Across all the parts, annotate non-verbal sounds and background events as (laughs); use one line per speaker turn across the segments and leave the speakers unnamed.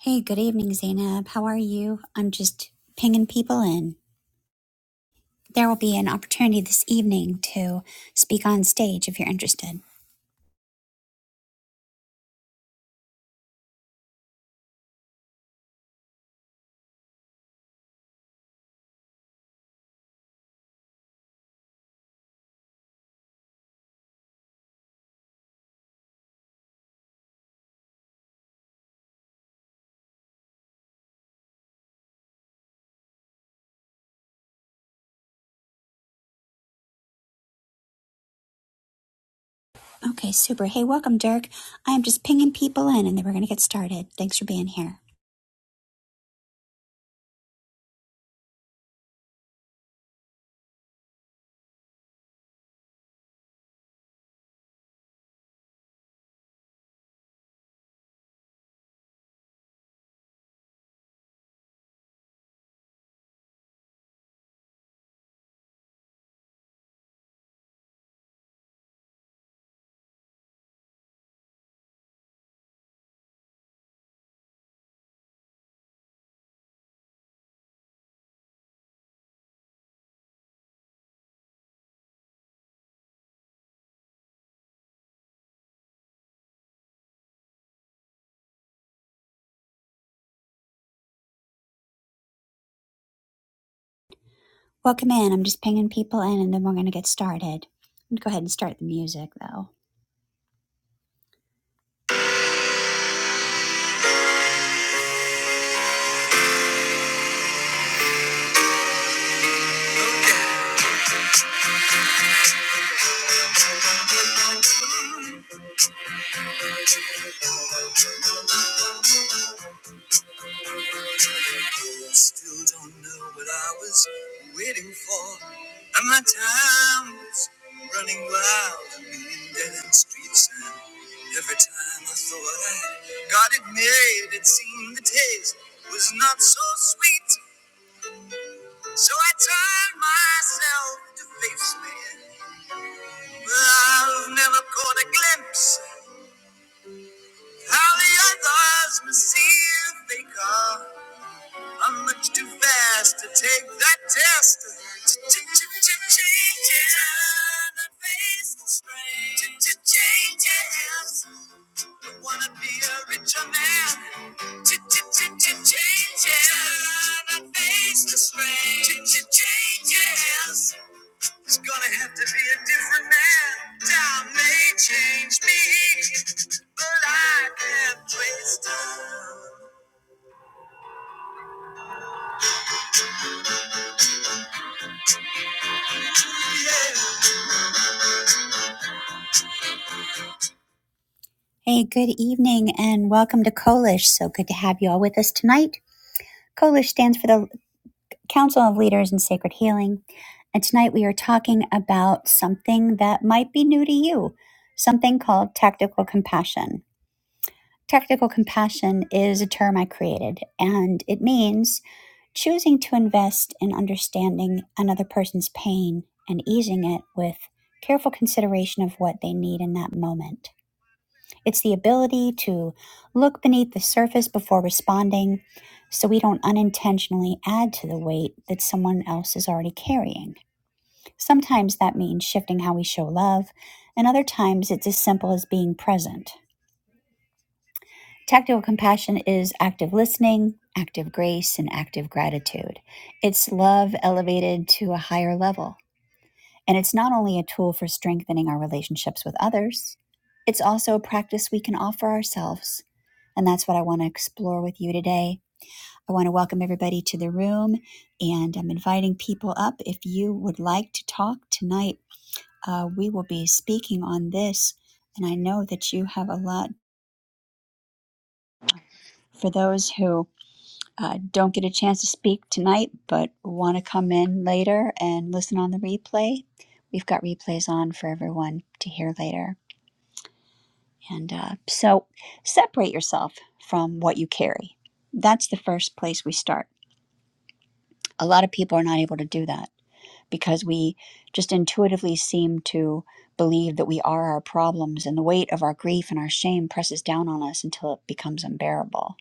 Hey, good evening, Zainab. How are you? I'm just pinging people in. There will be an opportunity this evening to speak on stage if you're interested. Okay, super. Hey, welcome, Dirk. I am just pinging people in and then we're going to get started. Thanks for being here. Welcome in. I'm just pinging people in and then we're going to get started. I'm going to go ahead and start the music, though. I still don't know what I was waiting for. And my time was running wild, a million dead end streets. And every time I thought I had got it made, it seemed the taste was not so sweet. So I turned myself to face me. But I've never caught a glimpse of how the others must see if they can. I'm much too fast to take that test. Ch-ch-ch-changes. ch Turn and face the strain. Ch-ch-changes. I wanna be a richer man. Ch-ch-ch-changes. Turn and face the strain. Ch-ch-changes. It's gonna have to be a different man. Time may change me, but I can't twist. on. Yeah. Hey, good evening and welcome to Kolish. So good to have you all with us tonight. Kolish stands for the Council of Leaders in Sacred Healing. And tonight we are talking about something that might be new to you, something called tactical compassion. Tactical compassion is a term I created, and it means choosing to invest in understanding another person's pain and easing it with careful consideration of what they need in that moment. It's the ability to look beneath the surface before responding so we don't unintentionally add to the weight that someone else is already carrying. Sometimes that means shifting how we show love, and other times it's as simple as being present. Tactical compassion is active listening, active grace, and active gratitude. It's love elevated to a higher level. And it's not only a tool for strengthening our relationships with others, it's also a practice we can offer ourselves And that's what I want to explore with you today. I want to welcome everybody to the room and I'm inviting people up. If you would like to talk tonight, uh, we will be speaking on this. And I know that you have a lot for those who uh, don't get a chance to speak tonight but want to come in later and listen on the replay. We've got replays on for everyone to hear later. And uh, so separate yourself from what you carry. That's the first place we start a lot of people are not able to do that because we just intuitively seem to believe that we are our problems and the weight of our grief and our shame presses down on us until it becomes unbearable.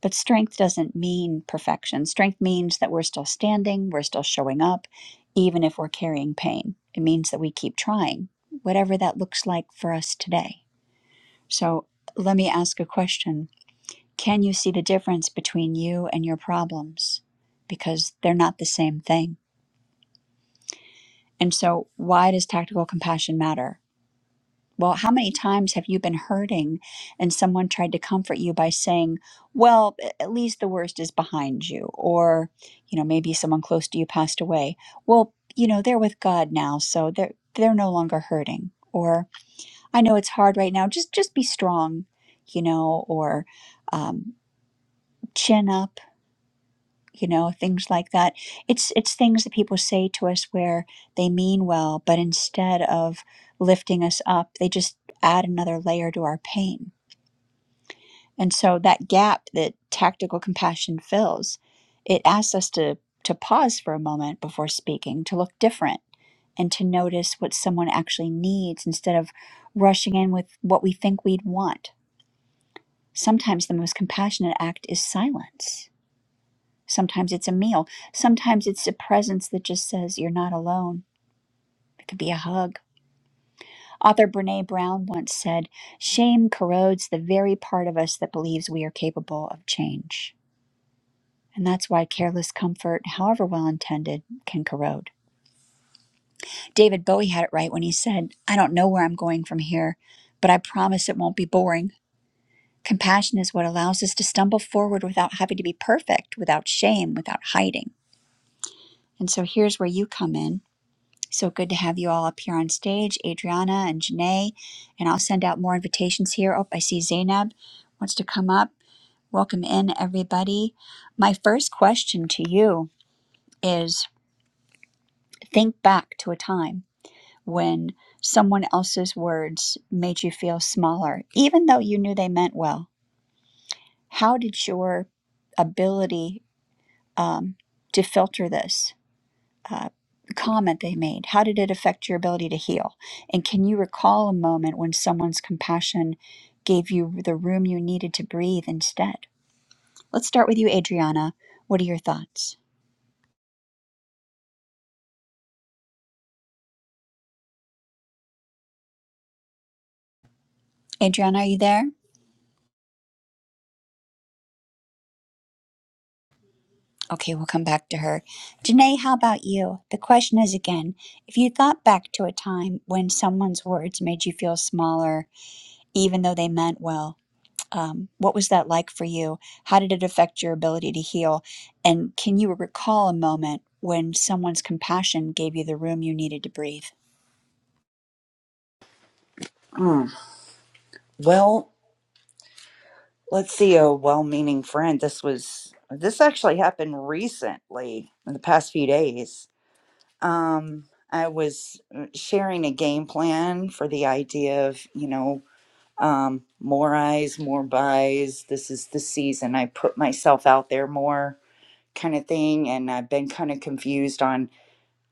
But strength doesn't mean perfection. Strength means that we're still standing, we're still showing up, even if we're carrying pain. It means that we keep trying, whatever that looks like for us today. So let me ask a question Can you see the difference between you and your problems? Because they're not the same thing And so, why does tactical compassion matter? Well, how many times have you been hurting and someone tried to comfort you by saying, well, at least the worst is behind you? Or, you know, maybe someone close to you passed away. Well, you know, they're with God now, so they're they're no longer hurting. Or I know it's hard right now. Just just be strong, you know, or um, chin up you know things like that it's it's things that people say to us where they mean well but instead of lifting us up they just add another layer to our pain and so that gap that tactical compassion fills it asks us to to pause for a moment before speaking to look different and to notice what someone actually needs instead of rushing in with what we think we'd want sometimes the most compassionate act is silence Sometimes it's a meal. Sometimes it's a presence that just says, You're not alone. It could be a hug. Author Brene Brown once said, Shame corrodes the very part of us that believes we are capable of change. And that's why careless comfort, however well intended, can corrode. David Bowie had it right when he said, I don't know where I'm going from here, but I promise it won't be boring. Compassion is what allows us to stumble forward without having to be perfect, without shame, without hiding. And so here's where you come in. So good to have you all up here on stage, Adriana and Janae. And I'll send out more invitations here. Oh, I see Zainab wants to come up. Welcome in, everybody. My first question to you is think back to a time when someone else's words made you feel smaller, even though you knew they meant well. How did your ability um, to filter this? uh, comment they made? How did it affect your ability to heal? And can you recall a moment when someone's compassion gave you the room you needed to breathe instead? Let's start with you, Adriana. What are your thoughts? Adriana, are you there? Okay, we'll come back to her. Janae, how about you? The question is again if you thought back to a time when someone's words made you feel smaller, even though they meant well, um, what was that like for you? How did it affect your ability to heal? And can you recall a moment when someone's compassion gave you the room you needed to breathe?
Mm. Well, let's see. A well-meaning friend. This was this actually happened recently in the past few days. Um, I was uh, sharing a game plan for the idea of you know um, more eyes, more buys. This is the season. I put myself out there more, kind of thing. And I've been kind of confused on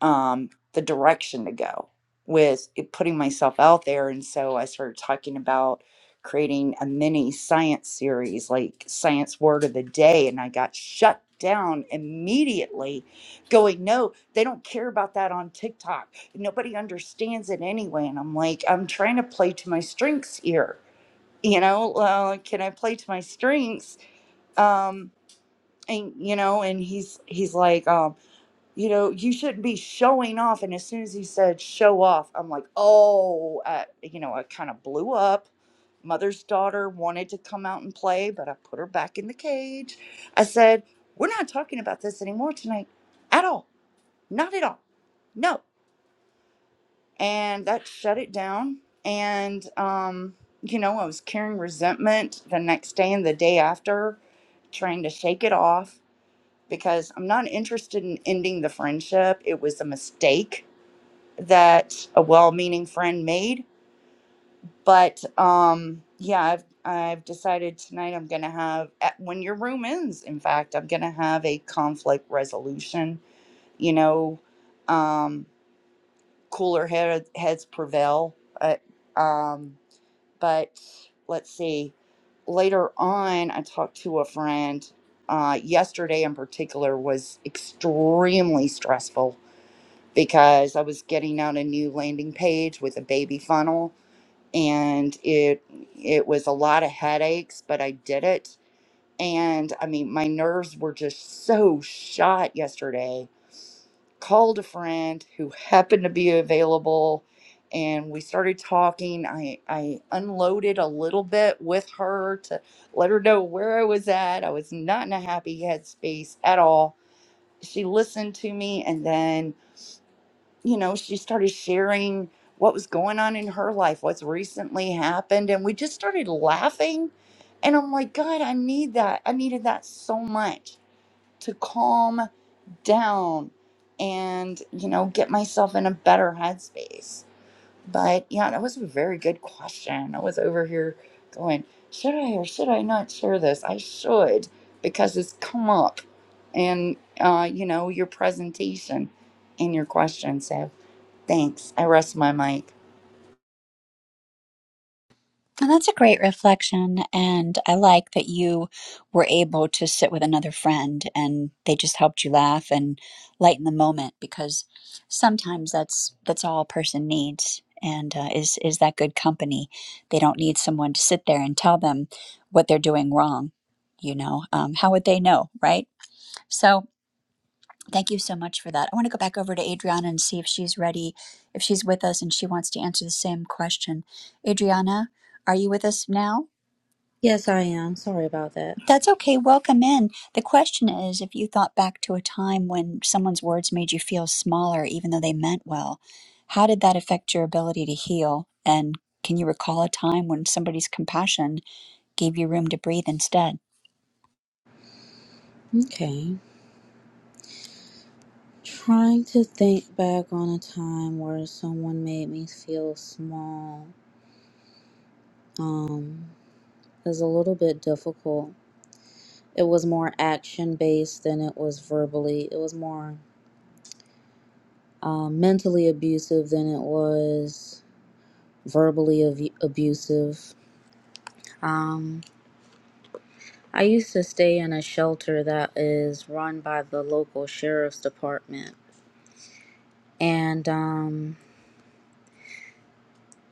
um, the direction to go with it- putting myself out there. And so I started talking about creating a mini science series, like Science Word of the Day, and I got shut down immediately going no they don't care about that on tiktok nobody understands it anyway and i'm like i'm trying to play to my strengths here you know uh, can i play to my strengths um and you know and he's he's like um, you know, you shouldn't be showing off. And as soon as he said show off, I'm like, oh, uh, you know, I kind of blew up. Mother's daughter wanted to come out and play, but I put her back in the cage. I said, we're not talking about this anymore tonight at all. Not at all. No. And that shut it down. And, um, you know, I was carrying resentment the next day and the day after, trying to shake it off because I'm not interested in ending the friendship. It was a mistake that a well-meaning friend made, but um yeah, I've I've decided tonight I'm going to have at, when your room ends, in fact, I'm going to have a conflict resolution, you know, um cooler head, heads prevail. Uh, um but let's see. Later on, I talked to a friend. Uh, yesterday, in particular, was extremely stressful because I was getting out a new landing page with a baby funnel, and it it was a lot of headaches, but I did it. And I mean, my nerves were just so shot yesterday called a friend who happened to be available and we started talking i i unloaded a little bit with her to let her know where i was at i was not in a happy headspace at all she listened to me and then you know she started sharing what was going on in her life what's recently happened and we just started laughing and i'm like god i need that i needed that so much to calm down and you know get myself in a better headspace but yeah that was a very good question i was over here going should i or should i not share this i should because it's come up and uh you know your presentation and your question so thanks i rest my mic
And that's a great reflection. And I like that you were able to sit with another friend and they just helped you laugh and lighten the moment because sometimes that's that's all a person needs and uh, is is that good company. They don't need someone to sit there and tell them what they're doing wrong. You know, um, how would they know, right? So thank you so much for that. I want to go back over to Adriana and see if she's ready, if she's with us and she wants to answer the same question. Adriana, are you with us now?
Yes, I am. Sorry about that.
That's okay. Welcome in. The question is if you thought back to a time when someone's words made you feel smaller, even though they meant well, how did that affect your ability to heal? And can you recall a time when somebody's compassion gave you room to breathe instead?
Okay. Trying to think back on a time where someone made me feel small um, is a little bit difficult. It was more action based than it was verbally. It was more um, mentally abusive than it was verbally ab- abusive. Um, I used to stay in a shelter that is run by the local sheriff's department. And um,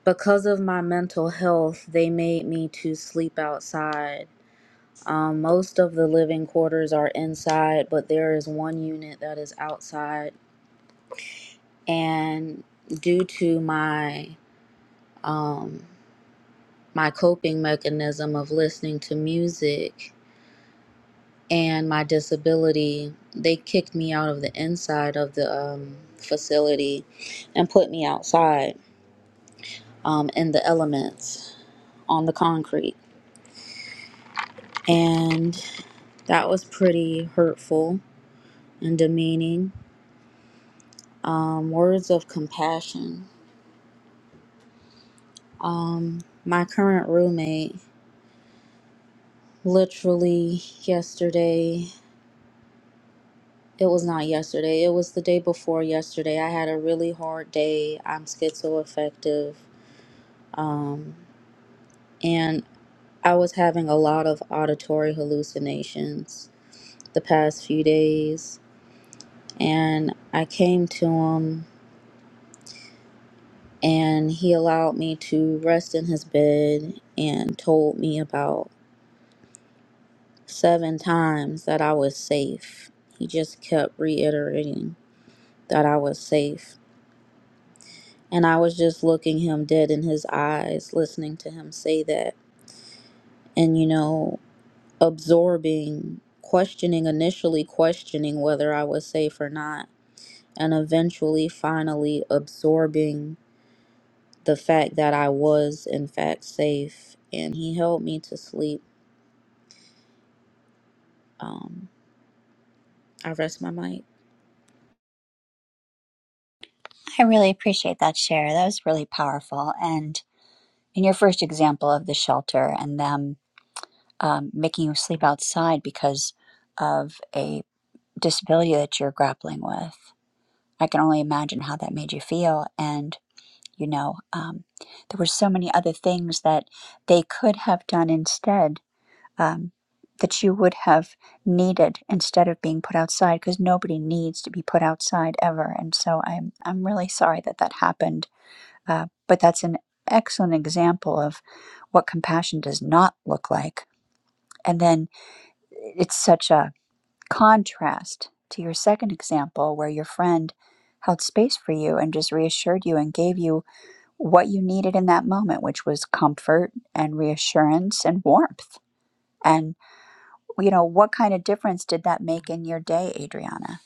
because of my mental health, they made me to sleep outside. Um, most of the living quarters are inside, but there is one unit that is outside. And due to my um, my coping mechanism of listening to music and my disability, they kicked me out of the inside of the um, facility and put me outside um, in the elements on the concrete. and that was pretty hurtful and demeaning. Um, words of compassion. Um, my current roommate, literally yesterday, it was not yesterday, it was the day before yesterday. I had a really hard day. I'm schizoaffective. Um, and I was having a lot of auditory hallucinations the past few days. And I came to him and he allowed me to rest in his bed and told me about seven times that I was safe. He just kept reiterating that I was safe. And I was just looking him dead in his eyes, listening to him say that, and you know, absorbing, questioning, initially questioning whether I was safe or not, and eventually, finally, absorbing the fact that I was, in fact, safe. And he helped me to sleep Um, I rest my mic.
I really appreciate that share. That was really powerful. and. in your first example of the shelter and them um, making you sleep outside because of a disability that you're grappling with, I can only imagine how that made you feel. And, you know, um, there were so many other things that they could have done instead um, that you would have needed instead of being put outside because nobody needs to be put outside ever. And so I'm, I'm really sorry that that happened uh, but that's an excellent example of what compassion does not look like. And then it's such a contrast to your second example where your friend held space for you and just reassured you and gave you what you needed in that moment, which was comfort and reassurance and warmth. And, you know, what kind of difference did that make in your day, Adriana?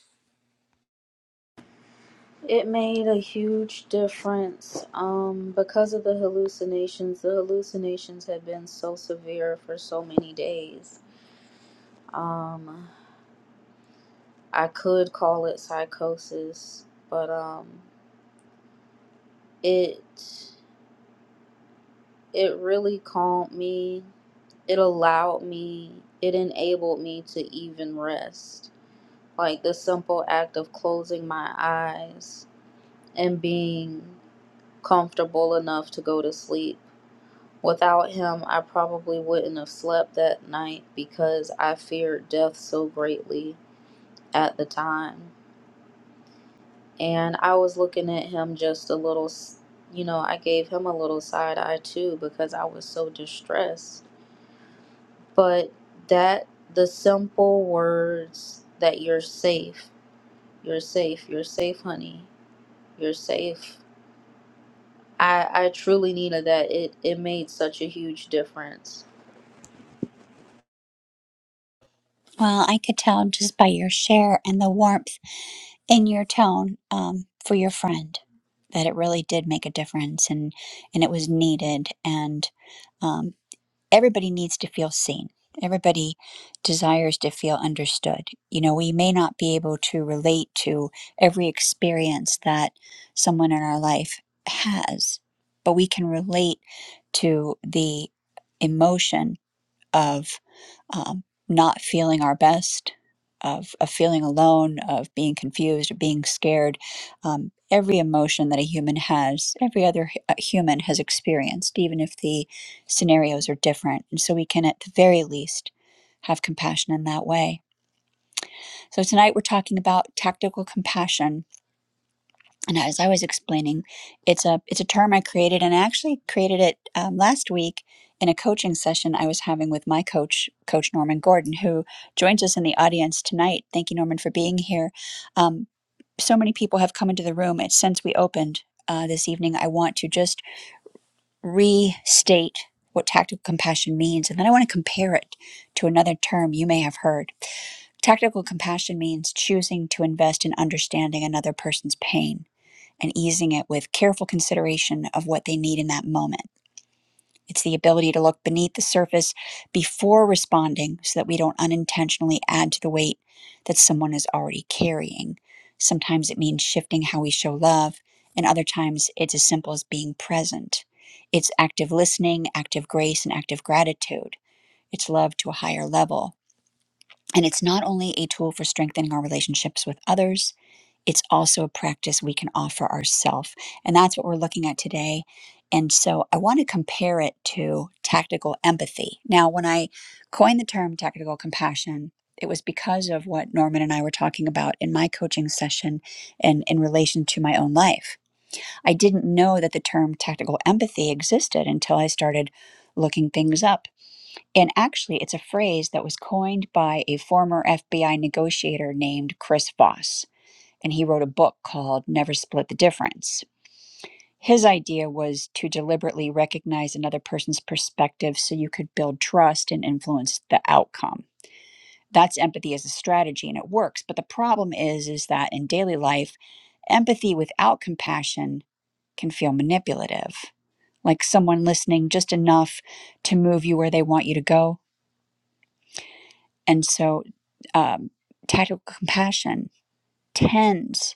It made a huge difference um, because of the hallucinations. The hallucinations had been so severe for so many days. Um, I could call it psychosis, but um, it it really calmed me. It allowed me. It enabled me to even rest. Like the simple act of closing my eyes and being comfortable enough to go to sleep. Without him, I probably wouldn't have slept that night because I feared death so greatly at the time. And I was looking at him just a little, you know, I gave him a little side eye too because I was so distressed. But that, the simple words that you're safe, you're safe, you're safe, honey, you're safe. I, I truly needed that. It, it made such a huge difference.
Well, I could tell just by your share and the warmth in your tone um, for your friend that it really did make a difference and and it was needed and um, everybody needs to feel seen everybody desires to feel understood you know we may not be able to relate to every experience that someone in our life has but we can relate to the emotion of um, not feeling our best, of, of feeling alone, of being confused, of being scared. Um, every emotion that a human has, every other hu- uh, human has experienced, even if the scenarios are different. And so we can, at the very least, have compassion in that way. So tonight we're talking about tactical compassion and as I was explaining, it's a it's a term I created, and I actually created it um, last week in a coaching session I was having with my coach, Coach Norman Gordon, who joins us in the audience tonight. Thank you, Norman, for being here. Um, so many people have come into the room and since we opened uh, this evening. I want to just restate what tactical compassion means, and then I want to compare it to another term you may have heard. Tactical compassion means choosing to invest in understanding another person's pain and easing it with careful consideration of what they need in that moment. It's the ability to look beneath the surface before responding so that we don't unintentionally add to the weight that someone is already carrying. Sometimes it means shifting how we show love, and other times it's as simple as being present. It's active listening, active grace, and active gratitude. It's love to a higher level. And it's not only a tool for strengthening our relationships with others, it's also a practice we can offer ourselves. And that's what we're looking at today. And so I want to compare it to tactical empathy. Now, when I coined the term tactical compassion, it was because of what Norman and I were talking about in my coaching session and in relation to my own life. I didn't know that the term tactical empathy existed until I started looking things up. And actually, it's a phrase that was coined by a former FBI negotiator named Chris Voss and he wrote a book called Never Split the Difference. His idea was to deliberately recognize another person's perspective so you could build trust and influence the outcome. That's empathy as a strategy and it works, but the problem is is that in daily life, empathy without compassion can feel manipulative. Like someone listening just enough to move you where they want you to go. And so um, tactical compassion tends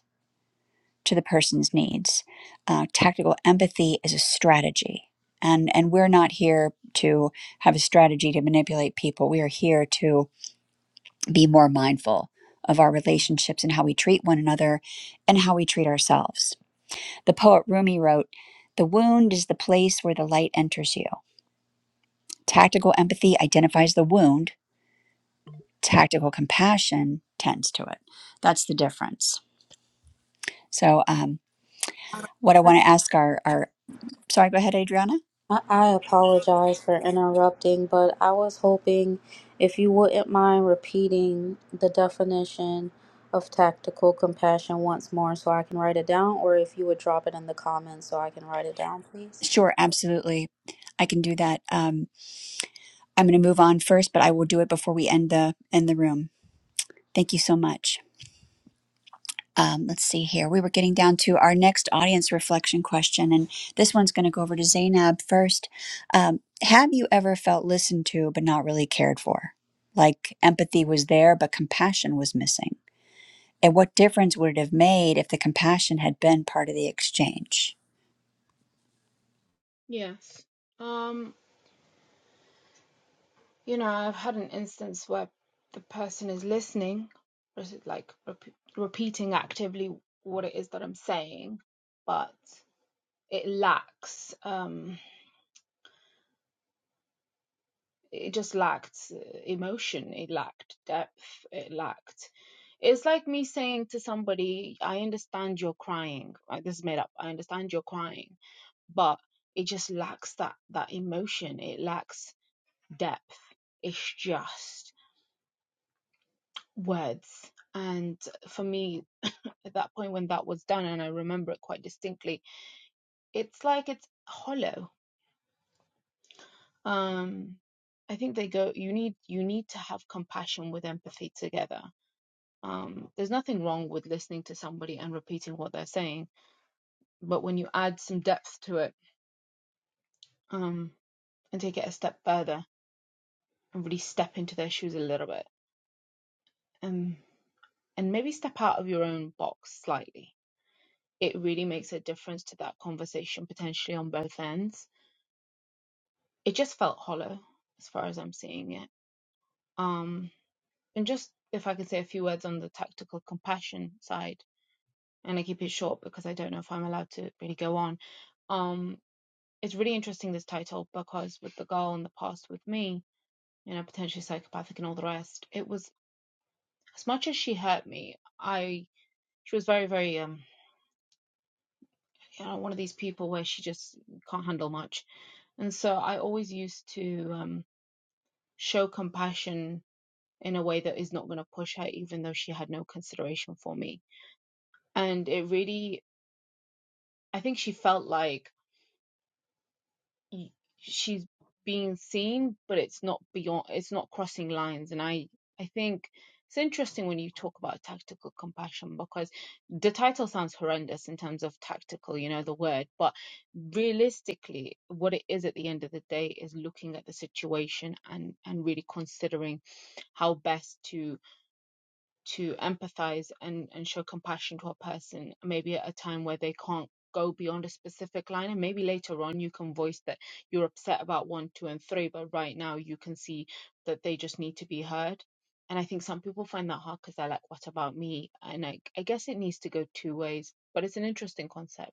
to the person's needs. Uh, tactical empathy is a strategy. And, and we're not here to have a strategy to manipulate people. We are here to be more mindful of our relationships and how we treat one another and how we treat ourselves. The poet Rumi wrote, The wound is the place where the light enters you. Tactical empathy identifies the wound, tactical compassion tends to it. That's the difference. So, um, what I want to ask our, our, sorry, go ahead, Adriana.
I I apologize for interrupting, but I was hoping if you wouldn't mind repeating the definition of tactical compassion once more so I can write it down, or if you would drop it in the comments so I can write it down, please.
Sure, absolutely. I can do that. Um, I'm going to move on first, but I will do it before we end the end the room. Thank you so much. Um, let's see here. We were getting down to our next audience reflection question, and this one's going to go over to Zainab first. Um, have you ever felt listened to but not really cared for? Like empathy was there, but compassion was missing. And what difference would it have made if the compassion had been part of the exchange?
Yes. Um, you know, I've had an instance where the person is listening, or is it like rep repeating actively what it is that I'm saying, but it lacks, um, it just lacked uh, emotion, it lacked depth, it lacked. It's like me saying to somebody, I understand you're crying. Like, This is made up. I understand you're crying, but it just lacks that that emotion. It lacks depth. It's just. words. And for me, at that point when that was done, and I remember it quite distinctly, it's like it's hollow. Um, I think they go. You need you need to have compassion with empathy together. Um, there's nothing wrong with listening to somebody and repeating what they're saying, but when you add some depth to it um, and take it a step further and really step into their shoes a little bit, um, and maybe step out of your own box slightly, it really makes a difference to that conversation potentially on both ends it just felt hollow as far as I'm seeing it. Um, and just if I could say a few words on the tactical compassion side, and I keep it short because I don't know if I'm allowed to really go on. Um, it's really interesting this title because with the girl in the past with me, you know, potentially psychopathic and all the rest, it was as much as she hurt me, I she was very, very um you know, one of these people where she just can't handle much. And so I always used to um show compassion in a way that is not going to push her, even though she had no consideration for me. And it really, I think she felt like she's being seen, but it's not beyond, it's not crossing lines. And I, I think it's interesting when you talk about tactical compassion because the title sounds horrendous in terms of tactical, you know, the word, but realistically, what it is at the end of the day is looking at the situation and, and really considering how best to to empathize and, and show compassion to a person, maybe at a time where they can't go beyond a specific line. And maybe later on you can voice that you're upset about one, two, and three, but right now you can see that they just need to be heard. And I think some people find that hard because they're like, what about me? And I, I guess it needs to go two ways, but it's an interesting concept.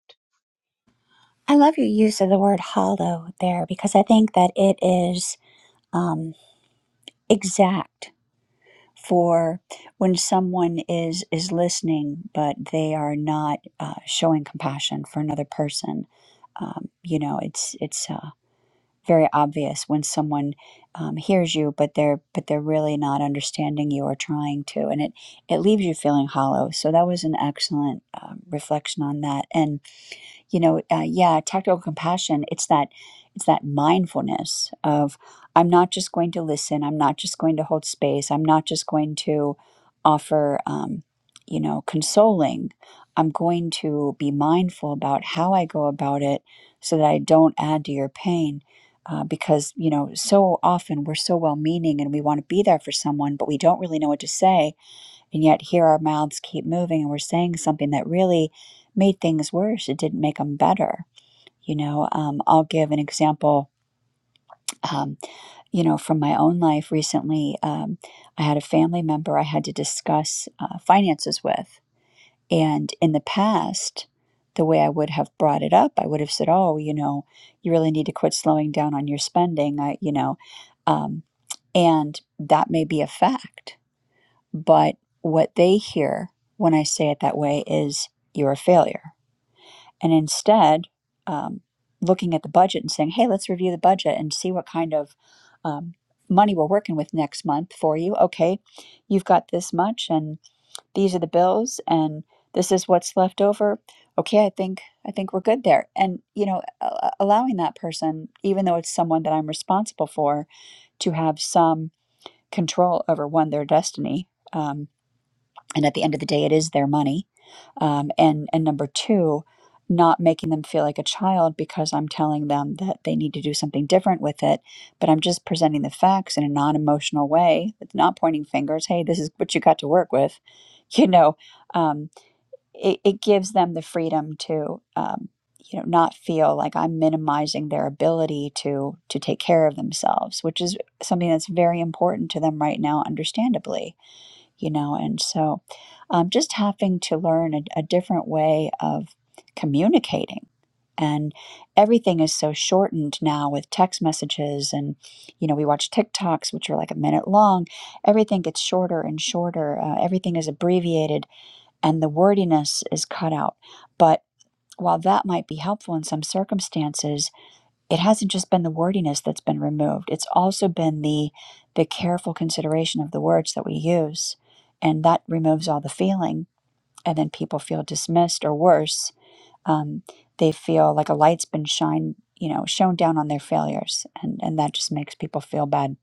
I love your use of the word hollow there because I think that it is. um, exact for when someone is is listening but they are not uh, showing compassion for another person um, you know it's it's uh, very obvious when someone um, hears you but they're but they're really not understanding you or trying to and it it leaves you feeling hollow so that was an excellent um, reflection on that and you know uh, yeah tactical compassion it's that it's that mindfulness of i'm not just going to listen i'm not just going to hold space i'm not just going to offer um, you know consoling i'm going to be mindful about how i go about it so that i don't add to your pain uh, because you know so often we're so well meaning and we want to be there for someone but we don't really know what to say and yet here our mouths keep moving and we're saying something that really made things worse. It didn't make them better. You know, um, I'll give an example, um, you know, from my own life recently. Um, I had a family member I had to discuss uh, finances with. And in the past, the way I would have brought it up, I would have said, oh, you know, you really need to quit slowing down on your spending. I, you know, um, and that may be a fact but what they hear when I say it that way is you're a failure. And instead, um, looking at the budget and saying, hey, let's review the budget and see what kind of um, money we're working with next month for you. Okay, you've got this much, and these are the bills, and this is what's left over. Okay, I think I think we're good there. And you know, a- allowing that person, even though it's someone that I'm responsible for, to have some control over one their destiny. Um, and at the end of the day it is their money um, and and number two not making them feel like a child because i'm telling them that they need to do something different with it but i'm just presenting the facts in a non-emotional way it's not pointing fingers hey this is what you got to work with (laughs) you know um, it, it gives them the freedom to um, you know not feel like i'm minimizing their ability to to take care of themselves which is something that's very important to them right now understandably you know and so um, just having to learn a, a different way of communicating and everything is so shortened now with text messages and you know we watch tiktoks which are like a minute long everything gets shorter and shorter uh, everything is abbreviated and the wordiness is cut out but while that might be helpful in some circumstances it hasn't just been the wordiness that's been removed it's also been the the careful consideration of the words that we use and that removes all the feeling and then people feel dismissed or worse um, they feel like a light's been shined you know shone down on their failures and and that just makes people feel bad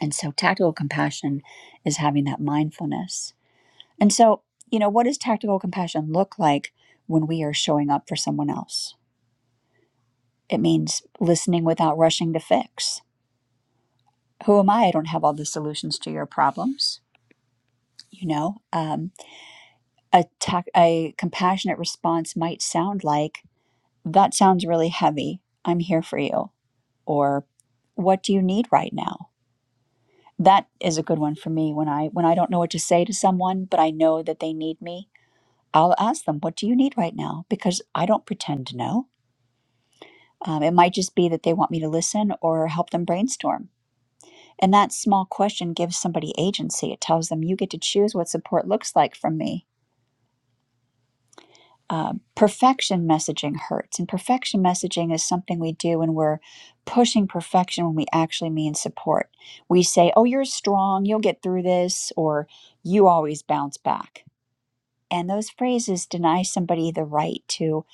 and so tactical compassion is having that mindfulness and so you know what does tactical compassion look like when we are showing up for someone else it means listening without rushing to fix who am I? I don't have all the solutions to your problems. You know, um, a, ta- a compassionate response might sound like, that sounds really heavy. I'm here for you. Or what do you need right now? That is a good one for me when I when I don't know what to say to someone, but I know that they need me. I'll ask them, "What do you need right now?" Because I don't pretend to know. Um, it might just be that they want me to listen or help them brainstorm And that small question gives somebody agency. It tells them, you get to choose what support looks like from me. Uh, perfection messaging hurts. And perfection messaging is something we do when we're pushing perfection when we actually mean support. We say, oh, you're strong, you'll get through this, or you always bounce back. And those phrases deny somebody the right to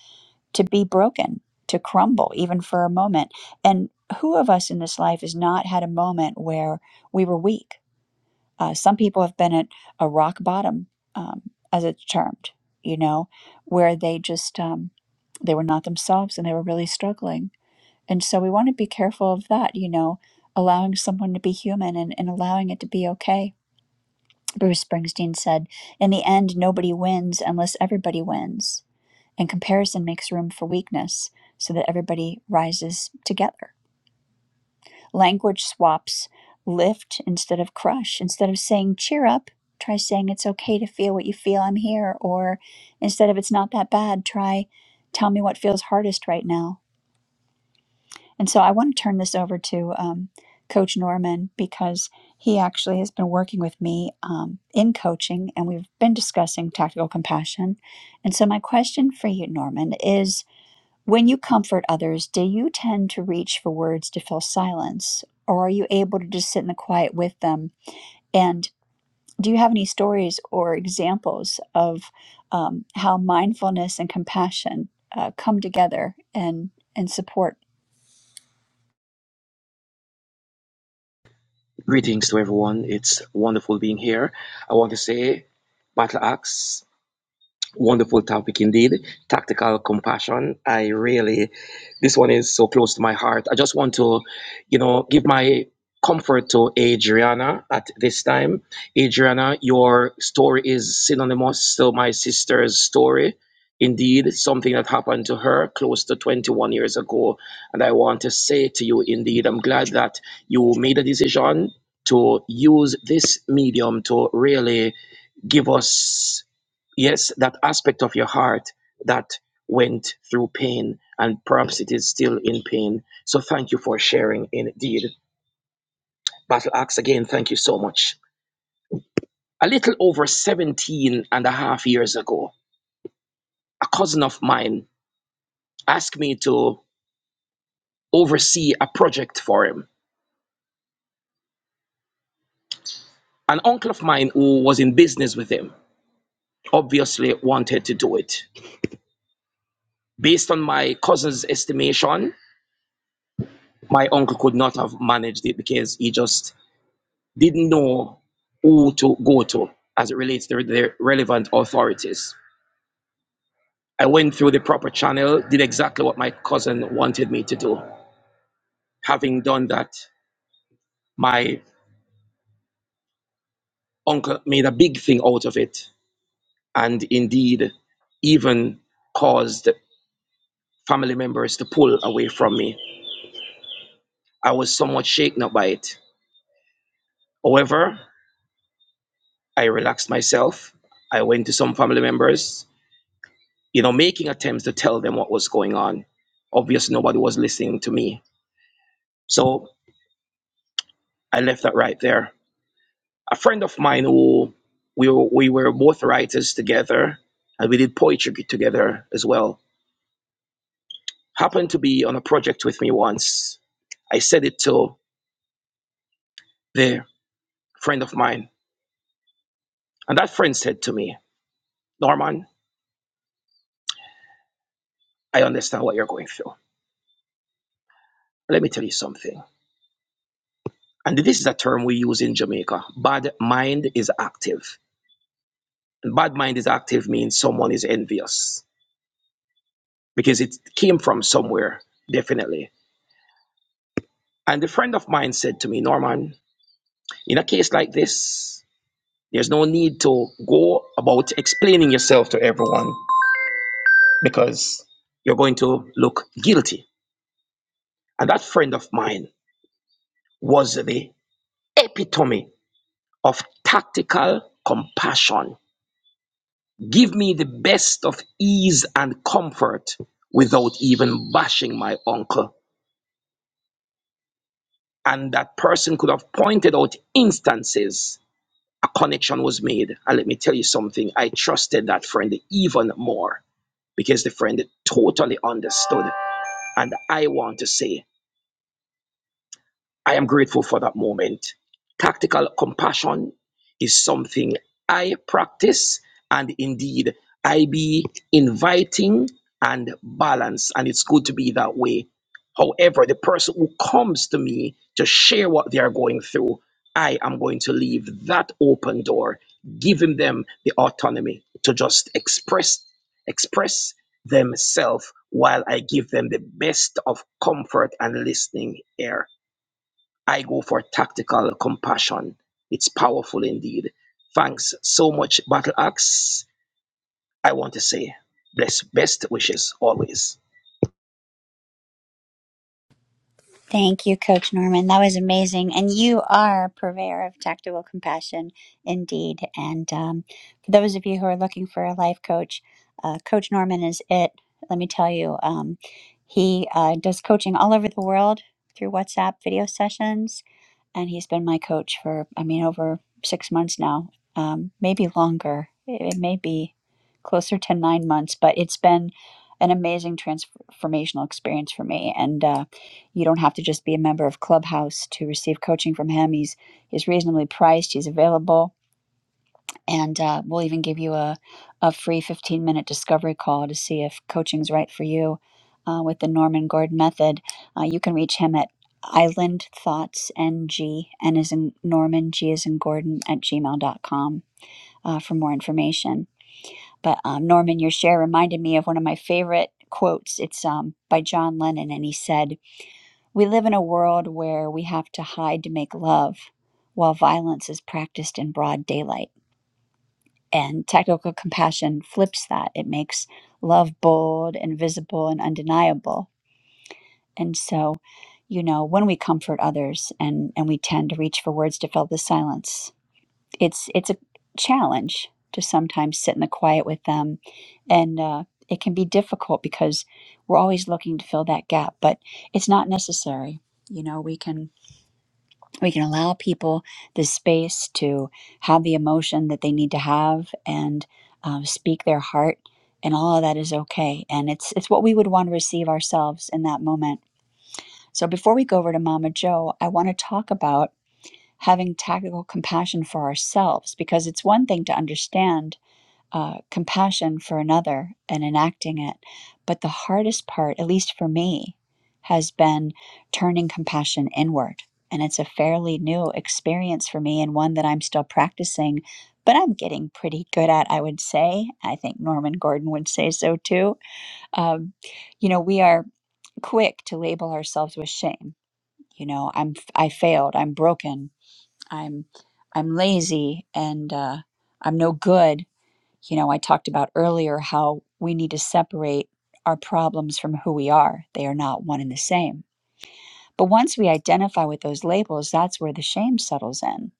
to be broken, to crumble, even for a moment. And who of us in this life has not had a moment where we were weak? Uh, some people have been at a rock bottom, um, as it's termed, you know, where they just um, they were not themselves and they were really struggling. And so we want to be careful of that, you know, allowing someone to be human and, and allowing it to be okay. Bruce Springsteen said, In the end, nobody wins unless everybody wins. And comparison makes room for weakness so that everybody rises together Language swaps lift instead of crush. Instead of saying cheer up, try saying it's okay to feel what you feel, I'm here. Or instead of it's not that bad, try tell me what feels hardest right now. And so I want to turn this over to um, Coach Norman because he actually has been working with me um, in coaching and we've been discussing tactical compassion. And so my question for you, Norman, is when you comfort others, do you tend to reach for words to fill silence, or are you able to just sit in the quiet with them? And do you have any stories or examples of um, how mindfulness and compassion uh, come together and and support
Greetings to everyone. It's wonderful being here. I want to say battle axe Wonderful topic indeed. Tactical compassion. I really, this one is so close to my heart. I just want to, you know, give my comfort to Adriana at this time. Adriana, your story is synonymous to my sister's story. Indeed, something that happened to her close to 21 years ago. And I want to say to you, indeed, I'm glad that you made a decision to use this medium to really give us yes, that aspect of your heart that went through pain and perhaps it is still in pain. So thank you for sharing indeed. Battle Axe, again, thank you so much. A little over 17 and a half years ago, a cousin of mine asked me to oversee a project for him. An uncle of mine who was in business with him obviously wanted to do it. Based on my cousin's estimation, my uncle could not have managed it because he just didn't know who to go to as it relates to the relevant authorities. I went through the proper channel, did exactly what my cousin wanted me to do. Having done that, my uncle made a big thing out of it and indeed even caused family members to pull away from me. I was somewhat shaken up by it. However, I relaxed myself. I went to some family members, you know, making attempts to tell them what was going on. Obviously, nobody was listening to me So I left that right there. A friend of mine who we were, we were both writers together and we did poetry together as well happened to be on a project with me once. I said it to the friend of mine, and that friend said to me, Norman, I understand what you're going through. Let me tell you something. And this is a term we use in Jamaica. Bad mind is active. And bad mind is active means someone is envious because it came from somewhere, definitely And a friend of mine said to me, Norman, in a case like this, there's no need to go about explaining yourself to everyone because you're going to look guilty. And that friend of mine was the epitome of tactical compassion. Give me the best of ease and comfort without even bashing my uncle. And that person could have pointed out instances a connection was made. And let me tell you something, I trusted that friend even more because the friend totally understood. And I want to say I am grateful for that moment. Tactical compassion is something I practice, and indeed, I be inviting and balanced, and it's good to be that way. However, the person who comes to me to share what they are going through, I am going to leave that open door, giving them the autonomy to just express express themselves while I give them the best of comfort and listening ear. I go for tactical compassion. It's powerful indeed. Thanks so much, Battle Axe. I want to say bless, best wishes always.
Thank you, Coach Norman. That was amazing. And you are a purveyor of tactical compassion indeed. And um, for those of you who are looking for a life coach, uh, Coach Norman is it. Let me tell you, um, he uh, does coaching all over the world through WhatsApp video sessions. And he's been my coach for, I mean, over six months now, um, maybe longer. It, it may be closer to nine months, but it's been an amazing transformational experience for me. And, uh, you don't have to just be a member of Clubhouse to receive coaching from him. He's he's reasonably priced. He's available, and uh, we'll even give you a a free fifteen minute discovery call to see if coaching's right for you. Uh, with the Norman Gordon method, uh, you can reach him at Island Thoughts N G N is in Norman G is in Gordon at Gmail gmail.com uh, for more information. But um, Norman, your share reminded me of one of my favorite quotes. It's um, by John Lennon, and he said we live in a world where we have to hide to make love while violence is practiced in broad daylight. And tactical compassion flips that. It makes love bold and visible and undeniable. And so, you know, when we comfort others and, and we tend to reach for words to fill the silence, it's it's a challenge to sometimes sit in the quiet with them. And uh, it can be difficult because we're always looking to fill that gap, but it's not necessary. You know, we can we can allow people the space to have the emotion that they need to have and um, speak their heart and all of that is okay and it's it's what we would want to receive ourselves in that moment so before we go over to mama joe i want to talk about having tactical compassion for ourselves because it's one thing to understand uh, compassion for another and enacting it. But the hardest part, at least for me, has been turning compassion inward. And it's a fairly new experience for me and one that I'm still practicing, but I'm getting pretty good at, I would say. I think Norman Gordon would say so too. Um, you know, we are quick to label ourselves with shame. You know, I'm I failed. I'm broken. I'm I'm lazy, and uh, I'm no good you know, I talked about earlier how we need to separate our problems from who we are. They are not one and the same. But once we identify with those labels, that's where the shame settles in.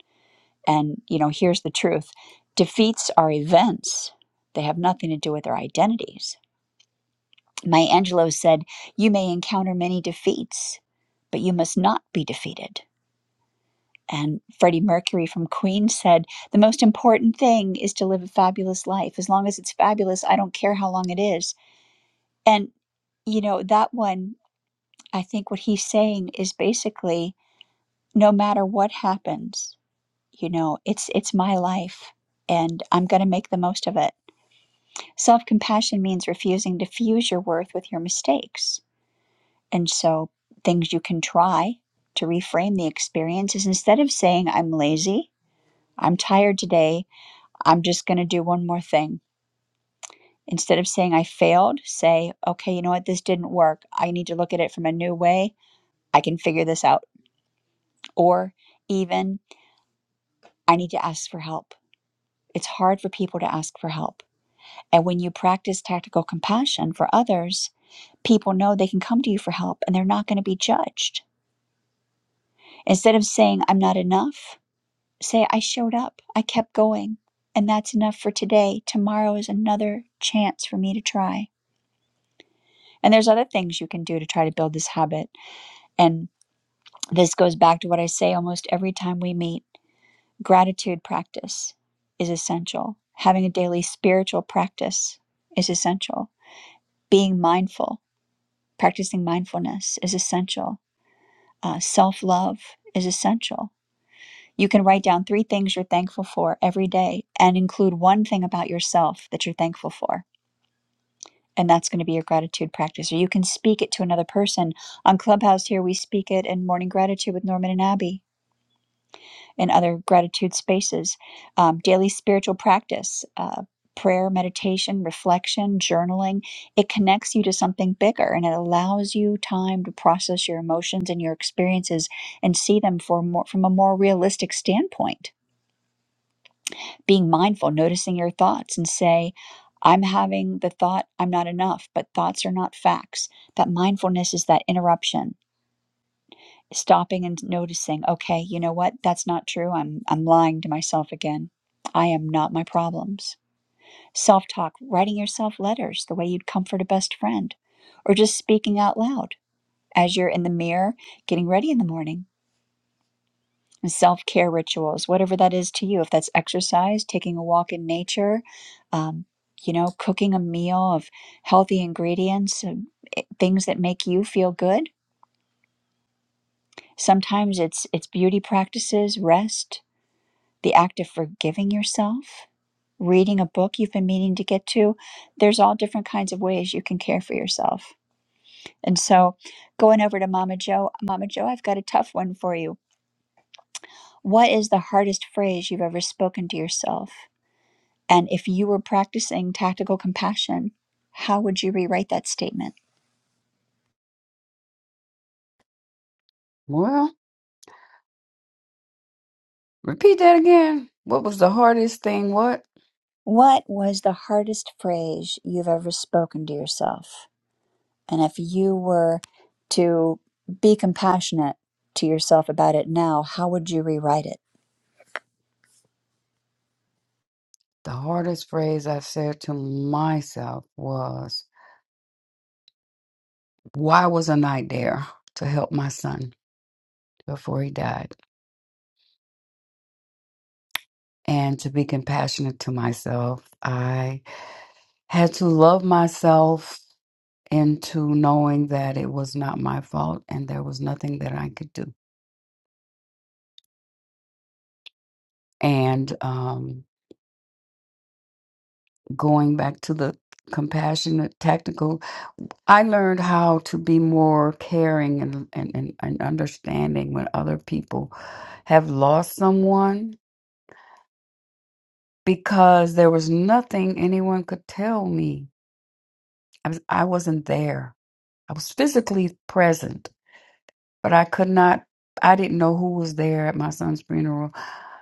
And, you know, here's the truth defeats are events, they have nothing to do with our identities. Maya Angelou said, You may encounter many defeats, but you must not be defeated. And Freddie Mercury from Queen said, The most important thing is to live a fabulous life. As long as it's fabulous, I don't care how long it is. And, you know, that one, I think what he's saying is basically no matter what happens, you know, it's it's my life and I'm going to make the most of it. Self-compassion means refusing to fuse your worth with your mistakes. And so things you can try to reframe the experience is instead of saying I'm lazy, I'm tired today, I'm just going to do one more thing. Instead of saying I failed, say, okay, you know what, this didn't work. I need to look at it from a new way. I can figure this out. or even I need to ask for help. It's hard for people to ask for help. And when you practice tactical compassion for others, people know they can come to you for help and they're not going to be judged. Instead of saying, I'm not enough, say, I showed up, I kept going, and that's enough for today. Tomorrow is another chance for me to try. And there's other things you can do to try to build this habit. And this goes back to what I say almost every time we meet Gratitude practice is essential. Having a daily spiritual practice is essential. Being mindful, practicing mindfulness is essential. Uh, Self love is essential. You can write down three things you're thankful for every day and include one thing about yourself that you're thankful for. And that's going to be your gratitude practice. Or you can speak it to another person. On Clubhouse here, we speak it in Morning Gratitude with Norman and Abby and other gratitude spaces, um, daily spiritual practice, uh, prayer, meditation, reflection, journaling. It connects you to something bigger and it allows you time to process your emotions and your experiences and see them for more, from a more realistic standpoint. Being mindful, noticing your thoughts, and say, I'm having the thought I'm not enough, but thoughts are not facts. That mindfulness is that interruption stopping and noticing okay you know what that's not true i'm i'm lying to myself again i am not my problems self talk writing yourself letters the way you'd comfort a best friend or just speaking out loud as you're in the mirror getting ready in the morning and self care rituals whatever that is to you if that's exercise taking a walk in nature um, you know cooking a meal of healthy ingredients and eh, things that make you feel good sometimes it's it's beauty practices rest the act of forgiving yourself, reading a book you've been meaning to get to. There's all different kinds of ways you can care for yourself. And so, going over to Mama Joe, Mama Joe, I've got a tough one for you. What is the hardest phrase you've ever spoken to yourself? And if you were practicing tactical compassion, how would you rewrite that statement?
Well, repeat that again. What was the hardest thing? What?
What was the hardest phrase you've ever spoken to yourself? And if you were to be compassionate to yourself about it now, how would you rewrite it?
The hardest phrase I said to myself was, Why wasn't I there to help my son before he died? And to be compassionate to myself, I had to love myself into knowing that it was not my fault and there was nothing that I could do. And um, going back to the compassionate, tactical I learned how to be more caring and, and, and, and understanding when other people have lost someone because there was nothing anyone could tell me. I, was, I wasn't there. I was physically present, but I could not, I didn't know who was there at my son's funeral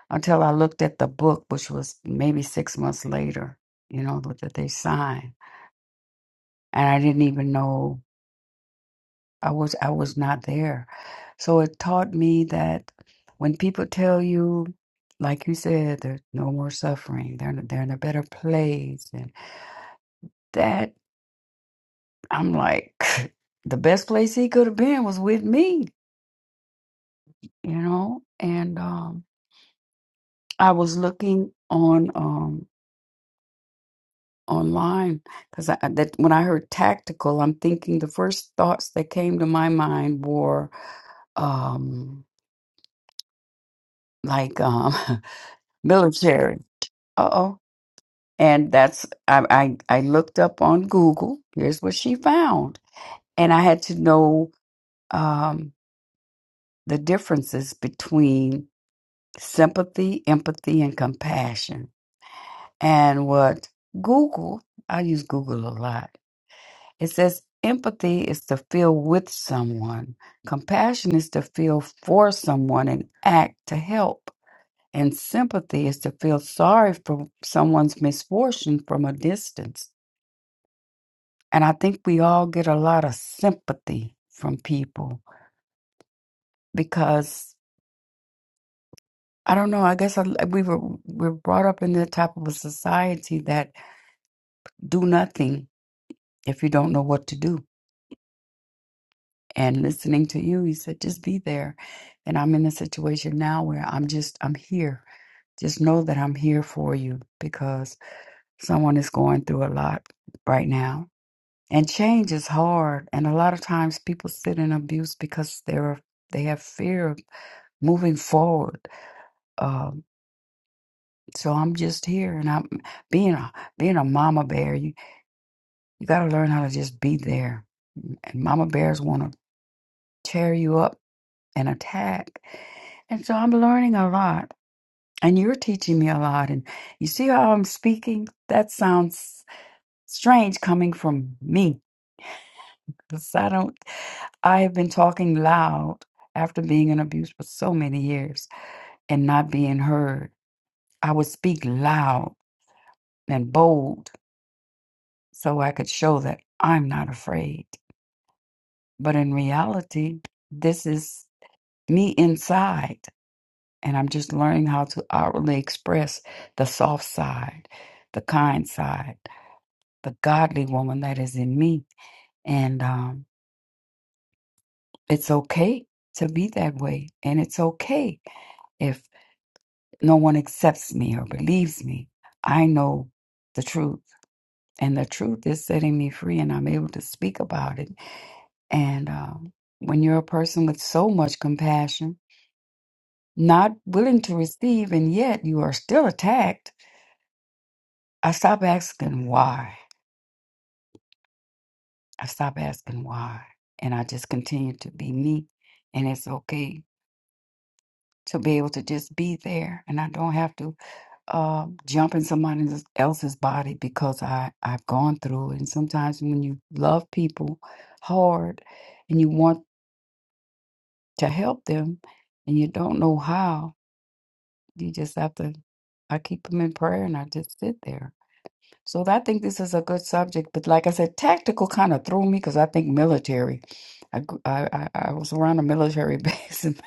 until I looked at the book, which was maybe six months later, you know, that that they signed. And I didn't even know. I was I was not there. So it taught me that when people tell you, like you said, there's no more suffering, they're in, they're in a better place, and that I'm like, (laughs) the best place he could have been was with me, you know. And um, I was looking on um, online because I, that when I heard tactical, I'm thinking the first thoughts that came to my mind were um, like um, (laughs) military. Uh oh. And that's I, I I looked up on Google. Here's what she found, and I had to know um, the differences between sympathy, empathy, and compassion. And what Google, I use Google a lot. It says empathy is to feel with someone, compassion is to feel for someone and act to help, and sympathy is to feel sorry for someone's misfortune from a distance. And I think we all get a lot of sympathy from people because I don't know. I guess I, we were we're brought up in the type of a society that do nothing if you don't know what to do. And listening to you, you said just be there. And I'm in a situation now where I'm just I'm here. Just know that I'm here for you because someone is going through a lot right now. And change is hard. And a lot of times people sit in abuse because they're they have fear moving forward. Um, so I'm just here, and I'm being a being a mama bear. You you got to learn how to just be there, and mama bears want to tear you up and attack. And so I'm learning a lot, and you're teaching me a lot. And you see how I'm speaking? That sounds strange coming from me, because I don't. I have been talking loud after being in abuse for so many years and not being heard. I would speak loud and bold so I could show that I'm not afraid. But in reality, this is me inside, and I'm just learning how to outwardly express the soft side, the kind side, the godly woman that is in me. And um, it's okay to be that way, and it's okay if no one accepts me or believes me. I know the truth, and the truth is setting me free, and I'm able to speak about it And um, when you're a person with so much compassion, not willing to receive, and yet you are still attacked, I stop asking why. I stop asking why. And I just continue to be me. And it's okay to be able to just be there. And I don't have to uh, jump in somebody else's body because I, I've gone through. it. And sometimes when you love people hard and you want to help them and you don't know how, You just have to, I keep them in prayer and I just sit there. So I think this is a good subject. But like I said, tactical kind of threw me because I think military. I, gr- I, I I was around a military (laughs) base and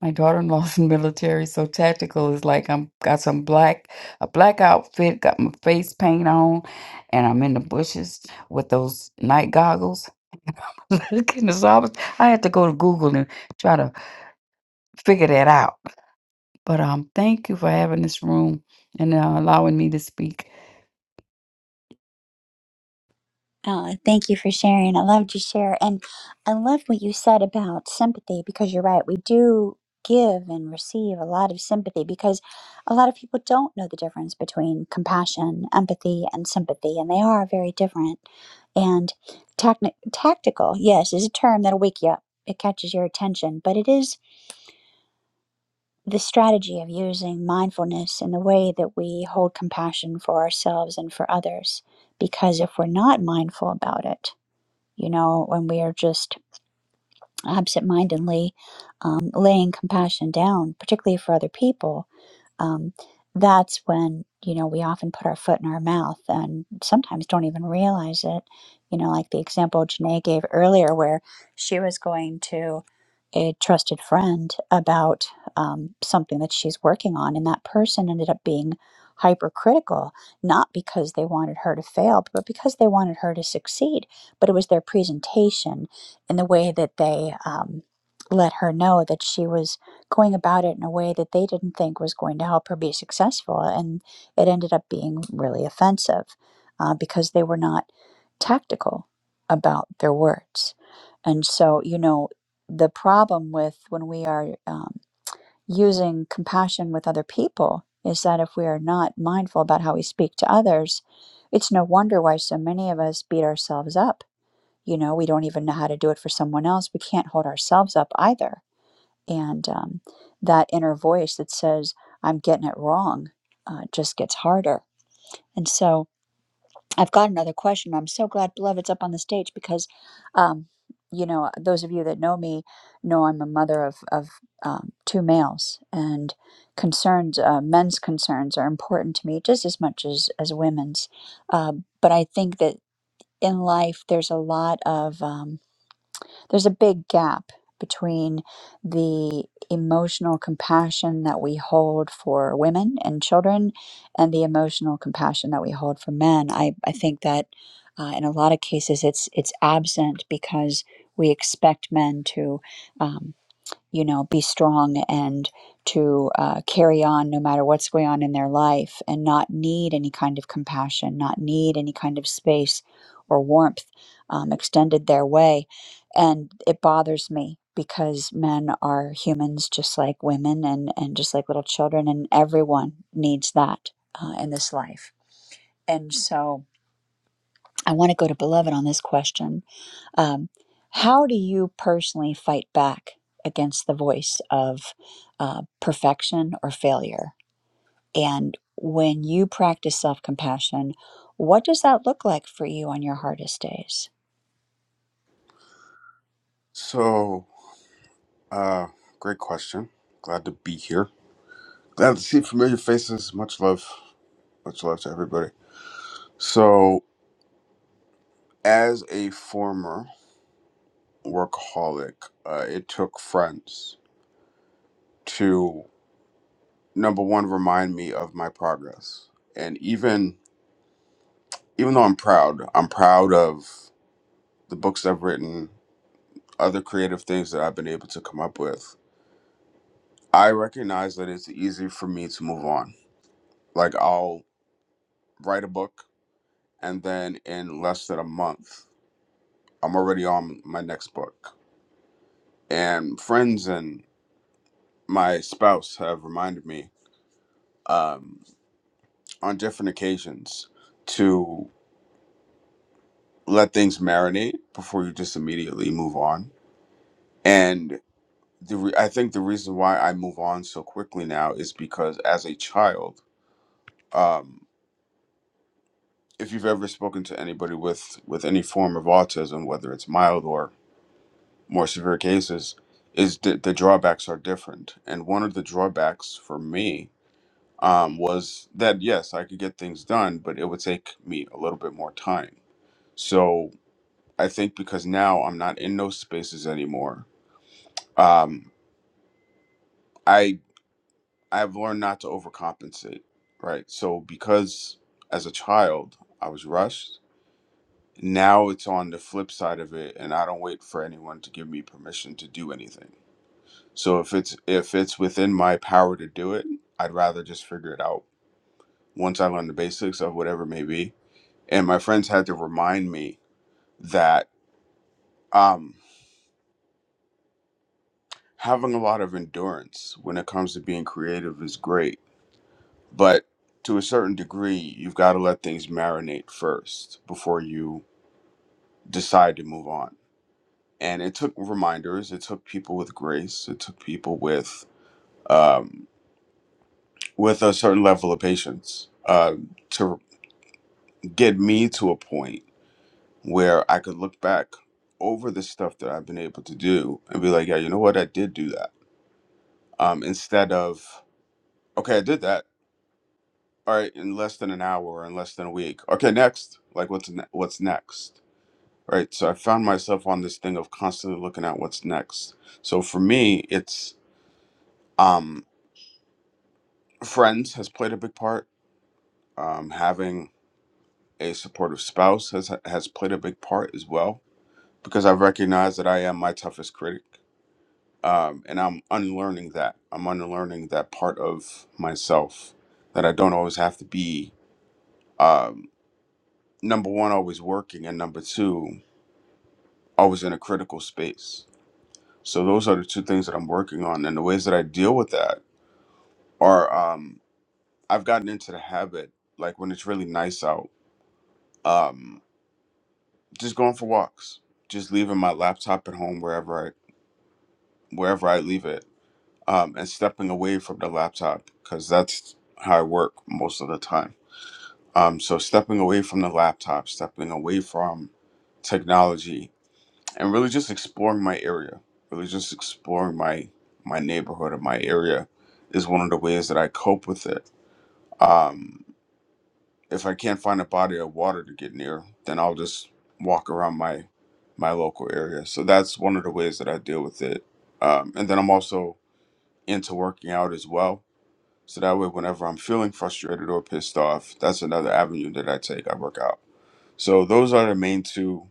my daughter-in-law's in military, so tactical is like I'm got some black a black outfit, got my face paint on, and I'm in the bushes with those night goggles. (laughs) Looking as I was, I had to go to Google and try to figure that out. But um, thank you for having this room and uh, allowing me to speak.
Oh, thank you for sharing. I loved your share. And I loved what you said about sympathy because you're right. We do give and receive a lot of sympathy because a lot of people don't know the difference between compassion, empathy, and sympathy, and they are very different. And tacni- tactical, yes, is a term that'll wake you up. It catches your attention, but it is. the strategy of using mindfulness in the way that we hold compassion for ourselves and for others. Because if we're not mindful about it, you know, when we are just absentmindedly um, laying compassion down, particularly for other people, um, that's when you know we often put our foot in our mouth and sometimes don't even realize it. You know, like the example Janae gave earlier, where she was going to a trusted friend about um, something that she's working on, and that person ended up being hypercritical, not because they wanted her to fail, but because they wanted her to succeed. But it was their presentation in the way that they um, let her know that she was going about it in a way that they didn't think was going to help her be successful. And it ended up being really offensive uh, because they were not tactical about their words. And so, you know, the problem with when we are um, using compassion with other people is that if we are not mindful about how we speak to others, it's no wonder why so many of us beat ourselves up you know, we don't even know how to do it for someone else. We can't hold ourselves up either. And um, that inner voice that says, I'm getting it wrong, uh, just gets harder. And so I've got another question. I'm so glad Beloved's up on the stage because, um, you know, those of you that know me know I'm a mother of, of um, two males, and concerns, uh, men's concerns are important to me just as much as, as women's. Uh, but I think that in life, there's a lot of. Um, there's a big gap between the emotional compassion that we hold for women and children and the emotional compassion that we hold for men. I, I think that uh, in a lot of cases it's it's absent because we expect men to um, you know, be strong and to uh, carry on no matter what's going on in their life and not need any kind of compassion, not need any kind of space or warmth um, extended their way. And it bothers me because men are humans just like women and, and just like little children, and everyone needs that uh, in this life. And so I want to go to Beloved on this question. Um, how do you personally fight back against the voice of uh, perfection or failure? And when you practice self compassion, what does that look like for you on your hardest days?
So, uh, great question. Glad to be here. Glad to see familiar faces. Much love. Much love to everybody. So, as a former workaholic, uh, it took friends to number one remind me of my progress. And even even though I'm proud, I'm proud of the books I've written, other creative things that I've been able to come up with. I recognize that it's easy for me to move on. Like I'll write a book and then in less than a month, I'm already on my next book. And friends and my spouse have reminded me um, on different occasions to let things marinate before you just immediately move on. And the re- I think the reason why I move on so quickly now is because as a child, um, if you've ever spoken to anybody with with any form of autism, whether it's mild or more severe cases is the, the drawbacks are different and one of the drawbacks for me um, was that yes i could get things done but it would take me a little bit more time so i think because now i'm not in those spaces anymore um, i i've learned not to overcompensate right so because as a child i was rushed now it's on the flip side of it and i don't wait for anyone to give me permission to do anything So if it's if it's within my power to do it, I'd rather just figure it out once I learn the basics of whatever it may be. And my friends had to remind me that um, having a lot of endurance when it comes to being creative is great, but to a certain degree, you've got to let things marinate first before you decide to move on. And it took reminders. It took people with grace. It took people with um, with a certain level of patience uh, to get me to a point where I could look back over the stuff that I've been able to do and be like, yeah, you know what? I did do that. Um, instead of, okay, I did that. All right, in less than an hour or in less than a week. Okay, next. Like, what's ne- what's next? Right. So I found myself on this thing of constantly looking at what's next. So for me, it's um, friends has played a big part. Um, having a supportive spouse has has played a big part as well because I recognize that I am my toughest critic um, and I'm unlearning that. I'm unlearning that part of myself that I don't always have to be um, number one, always working, and number two, always in a critical space. So those are the two things that I'm working on, and the ways that I deal with that are um, I've gotten into the habit, like when it's really nice out, um, just going for walks, just leaving my laptop at home wherever I wherever I leave it, um, and stepping away from the laptop because that's how I work most of the time Um, so stepping away from the laptop, stepping away from technology, and really just exploring my area, really just exploring my my neighborhood or my area is one of the ways that I cope with it. Um, if I can't find a body of water to get near, then I'll just walk around my my local area. So that's one of the ways that I deal with it. Um, and then I'm also into working out as well. So that way, whenever I'm feeling frustrated or pissed off, that's another avenue that I take. I work out. So those are the main two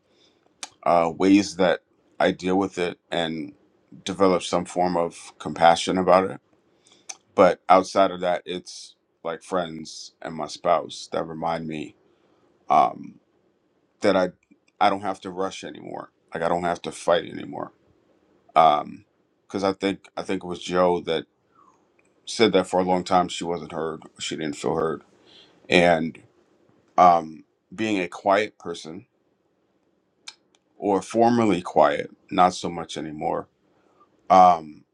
uh, ways that I deal with it and develop some form of compassion about it. But outside of that, it's like friends and my spouse that remind me um, that I I don't have to rush anymore. Like I don't have to fight anymore. Um, Because I think I think it was Joe that said that for a long time she wasn't heard. She didn't feel heard. And um, being a quiet person or formerly quiet, not so much anymore Um,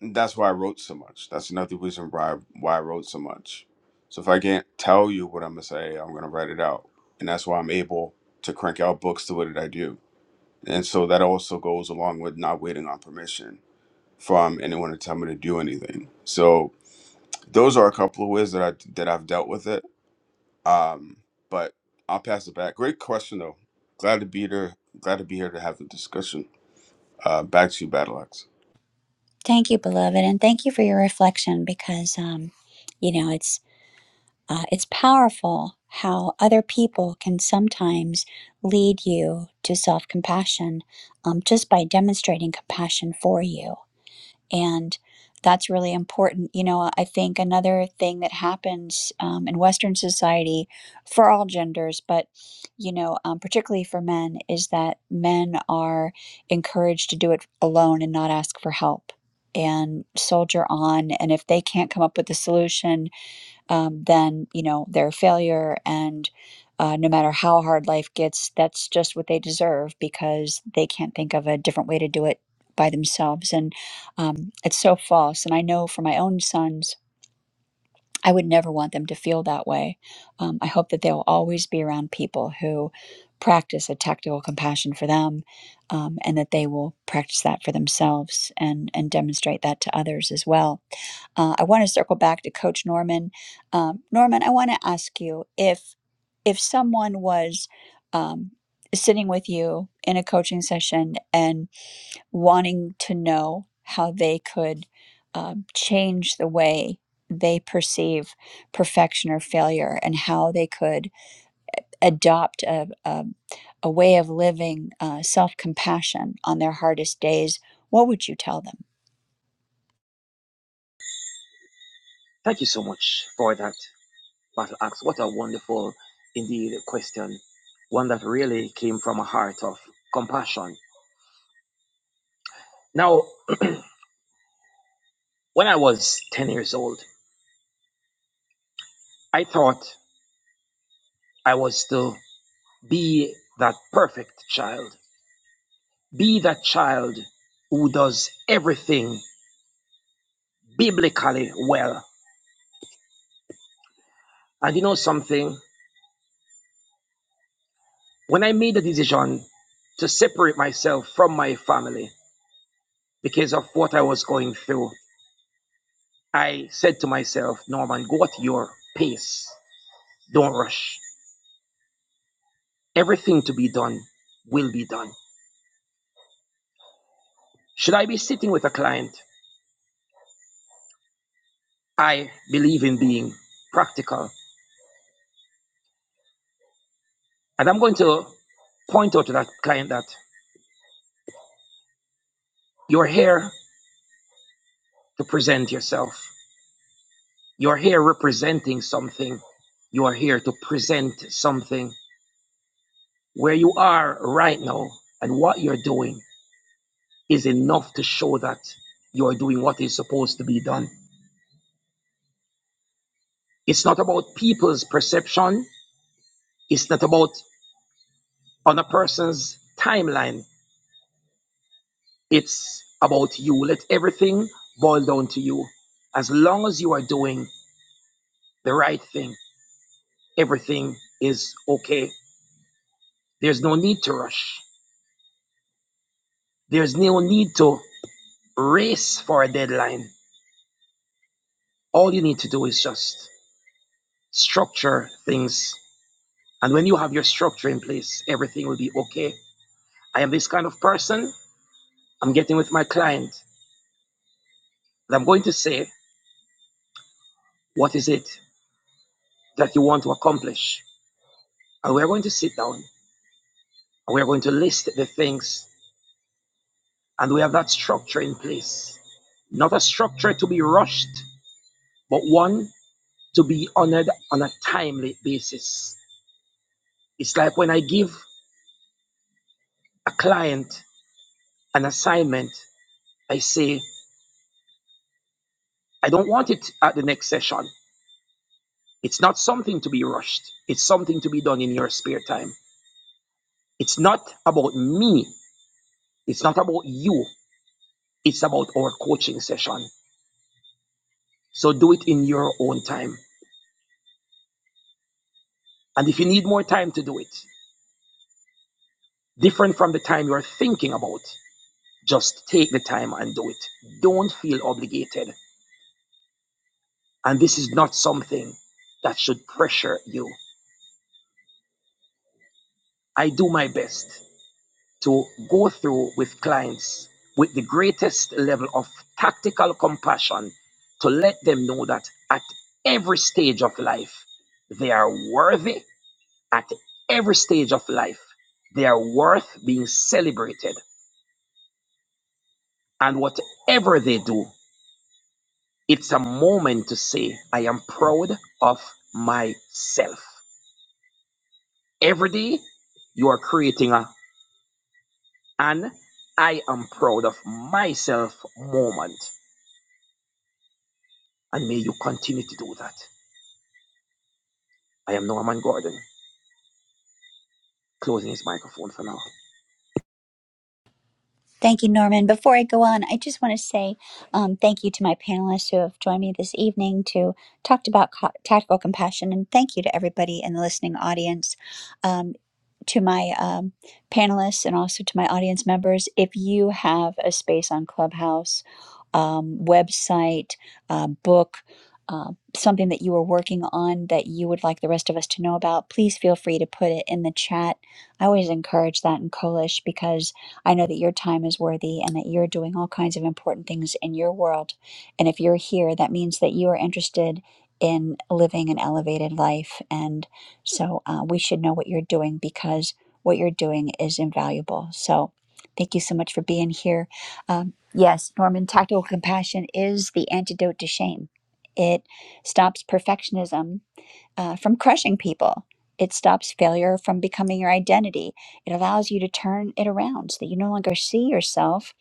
that's why I wrote so much. That's another reason why I, why I wrote so much. So if I can't tell you what I'm gonna say, I'm gonna write it out, and that's why I'm able to crank out books the way that I do. And so that also goes along with not waiting on permission from anyone to tell me to do anything. So those are a couple of ways that I that I've dealt with it. Um, but I'll pass it back. Great question though. Glad to be here. Glad to be here to have the discussion. Uh, back to you, Battleaxe.
Thank you, Beloved. And thank you for your reflection because, um, you know, it's. Uh, it's powerful how other people can sometimes lead you to self compassion um, just by demonstrating compassion for you And that's really important. You know, I think another thing that happens um, in Western society for all genders, but, you know, um, particularly for men, is that men are encouraged to do it alone and not ask for help and soldier on. And if they can't come up with a solution, um, then you know they're a failure and uh, no matter how hard life gets that's just what they deserve because they can't think of a different way to do it by themselves and um, it's so false and i know for my own son I would never want them to feel that way. Um, I hope that they'll always be around people who practice a tactical compassion for them um, and that they will practice that for themselves and, and demonstrate that to others as well. Uh, I want to circle back to Coach Norman. Um, Norman, I want to ask you if if someone was um, sitting with you in a coaching session and wanting to know how they could um, change the way they perceive perfection or failure and how they could adopt a, a, a way of living uh, self compassion on their hardest days, what would you tell them?
Thank you so much for that, Battle Axe. What a wonderful, indeed, question. One that really came from a heart of compassion. Now, when I was 10 years old, I thought I was to be that perfect child, be that child who does everything biblically well And you know something? When I made the decision to separate myself from my family because of what I was going through, I said to myself, Norman, go at your pace. Don't rush. Everything to be done will be done. Should I be sitting with a client? I believe in being practical. And I'm going to point out to that client that you're here to present yourself. You're here representing something. You are here to present something Where you are right now and what you're doing is enough to show that you're doing what is supposed to be done. It's not about people's perception, it's not about on a person's timeline, it's about you. Let everything boil down to you. As long as you are doing the right thing, everything is okay. There's no need to rush. There's no need to race for a deadline. All you need to do is just structure things And when you have your structure in place, everything will be okay. I am this kind of person. I'm getting with my client. And I'm going to say, what is it that you want to accomplish? And we're going to sit down and we're going to list the things. And we have that structure in place. Not a structure to be rushed, but one to be honored on a timely basis. It's like when I give a client an assignment, I say, I don't want it at the next session. It's not something to be rushed. It's something to be done in your spare time. It's not about me. It's not about you. It's about our coaching session. So do it in your own time. And if you need more time to do it, different from the time you're thinking about, just take the time and do it. Don't feel obligated. And this is not something that should pressure you. I do my best. to go through with clients with the greatest level of tactical compassion to let them know that at every stage of life, they are worthy. At every stage of life, they are worth being celebrated. And whatever they do, it's a moment to say, I am proud of myself. Every day, you are creating a, an I am proud of myself moment and may you continue to do that. I am Norman Gordon, closing his microphone for now.
Thank you, Norman. Before I go on, I just want to say um, thank you to my panelists who have joined me this evening to talked about co- tactical compassion, and thank you to everybody in the listening audience, um, to my um, panelists, and also to my audience members. If you have a space on Clubhouse, um, website, uh, book. Uh, something that you are working on that you would like the rest of us to know about, please feel free to put it in the chat. I always encourage that in Kolish because I know that your time is worthy and that you're doing all kinds of important things in your world. And if you're here, that means that you are interested in living an elevated life. And so uh, we should know what you're doing because what you're doing is invaluable. So thank you so much for being here. Um, yes, Norman, tactical compassion is the antidote to shame, it stops perfectionism uh, from crushing people. It stops failure from becoming your identity. It allows you to turn it around so that you no longer see yourself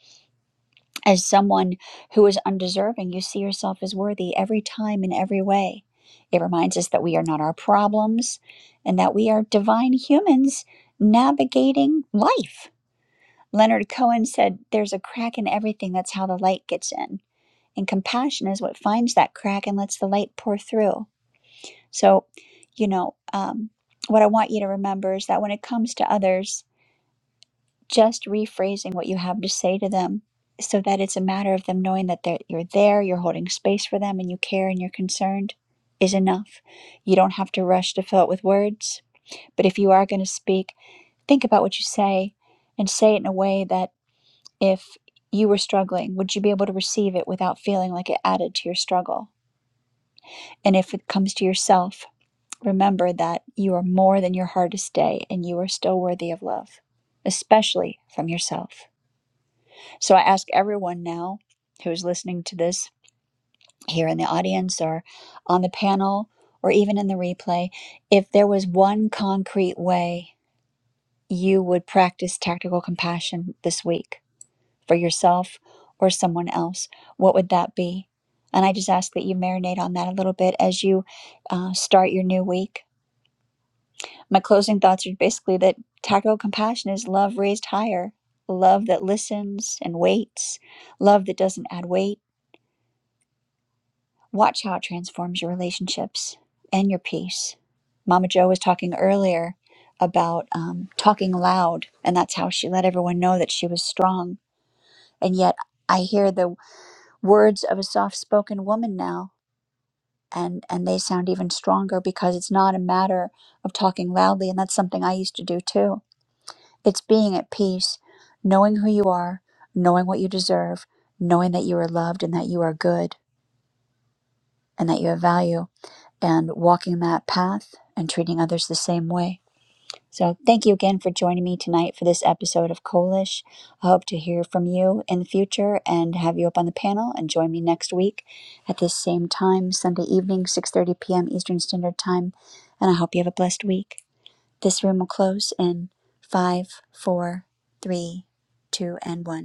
as someone who is undeserving. You see yourself as worthy every time in every way. It reminds us that we are not our problems and that we are divine humans navigating life. Leonard Cohen said, There's a crack in everything. That's how the light gets in. And compassion is what finds that crack and lets the light pour through. So, you know, um, what I want you to remember is that when it comes to others, just rephrasing what you have to say to them so that it's a matter of them knowing that they're, you're there, you're holding space for them, and you care and you're concerned is enough. You don't have to rush to fill it with words. But if you are going to speak, think about what you say and say it in a way that if you were struggling, would you be able to receive it without feeling like it added to your struggle? And if it comes to yourself, Remember that you are more than your hardest day and you are still worthy of love, especially from yourself. So I ask everyone now who is listening to this here in the audience or on the panel or even in the replay if there was one concrete way you would practice tactical compassion this week for yourself or someone else, what would that be? And I just ask that you marinate on that a little bit as you uh, start your new week my closing thoughts are basically that tactical compassion is love raised higher, love that listens and waits, love that doesn't add weight. Watch how it transforms your relationships and your peace. Mama Joe was talking earlier about um, talking loud, and that's how she let everyone know that she was strong. And yet, I hear the words of a soft spoken woman now. And, and they sound even stronger because it's not a matter of talking loudly. And that's something I used to do too It's being at peace, knowing who you are, knowing what you deserve, knowing that you are loved and that you are good and that you have value, and walking that path and treating others the same way. So, thank you again for joining me tonight for this episode of Kolish. I hope to hear from you in the future and have you up on the panel and join me next week at this same time, Sunday evening, 6:30 p.m. Eastern Standard Time. And I hope you have a blessed week. This room will close in five, four, three, two, and one.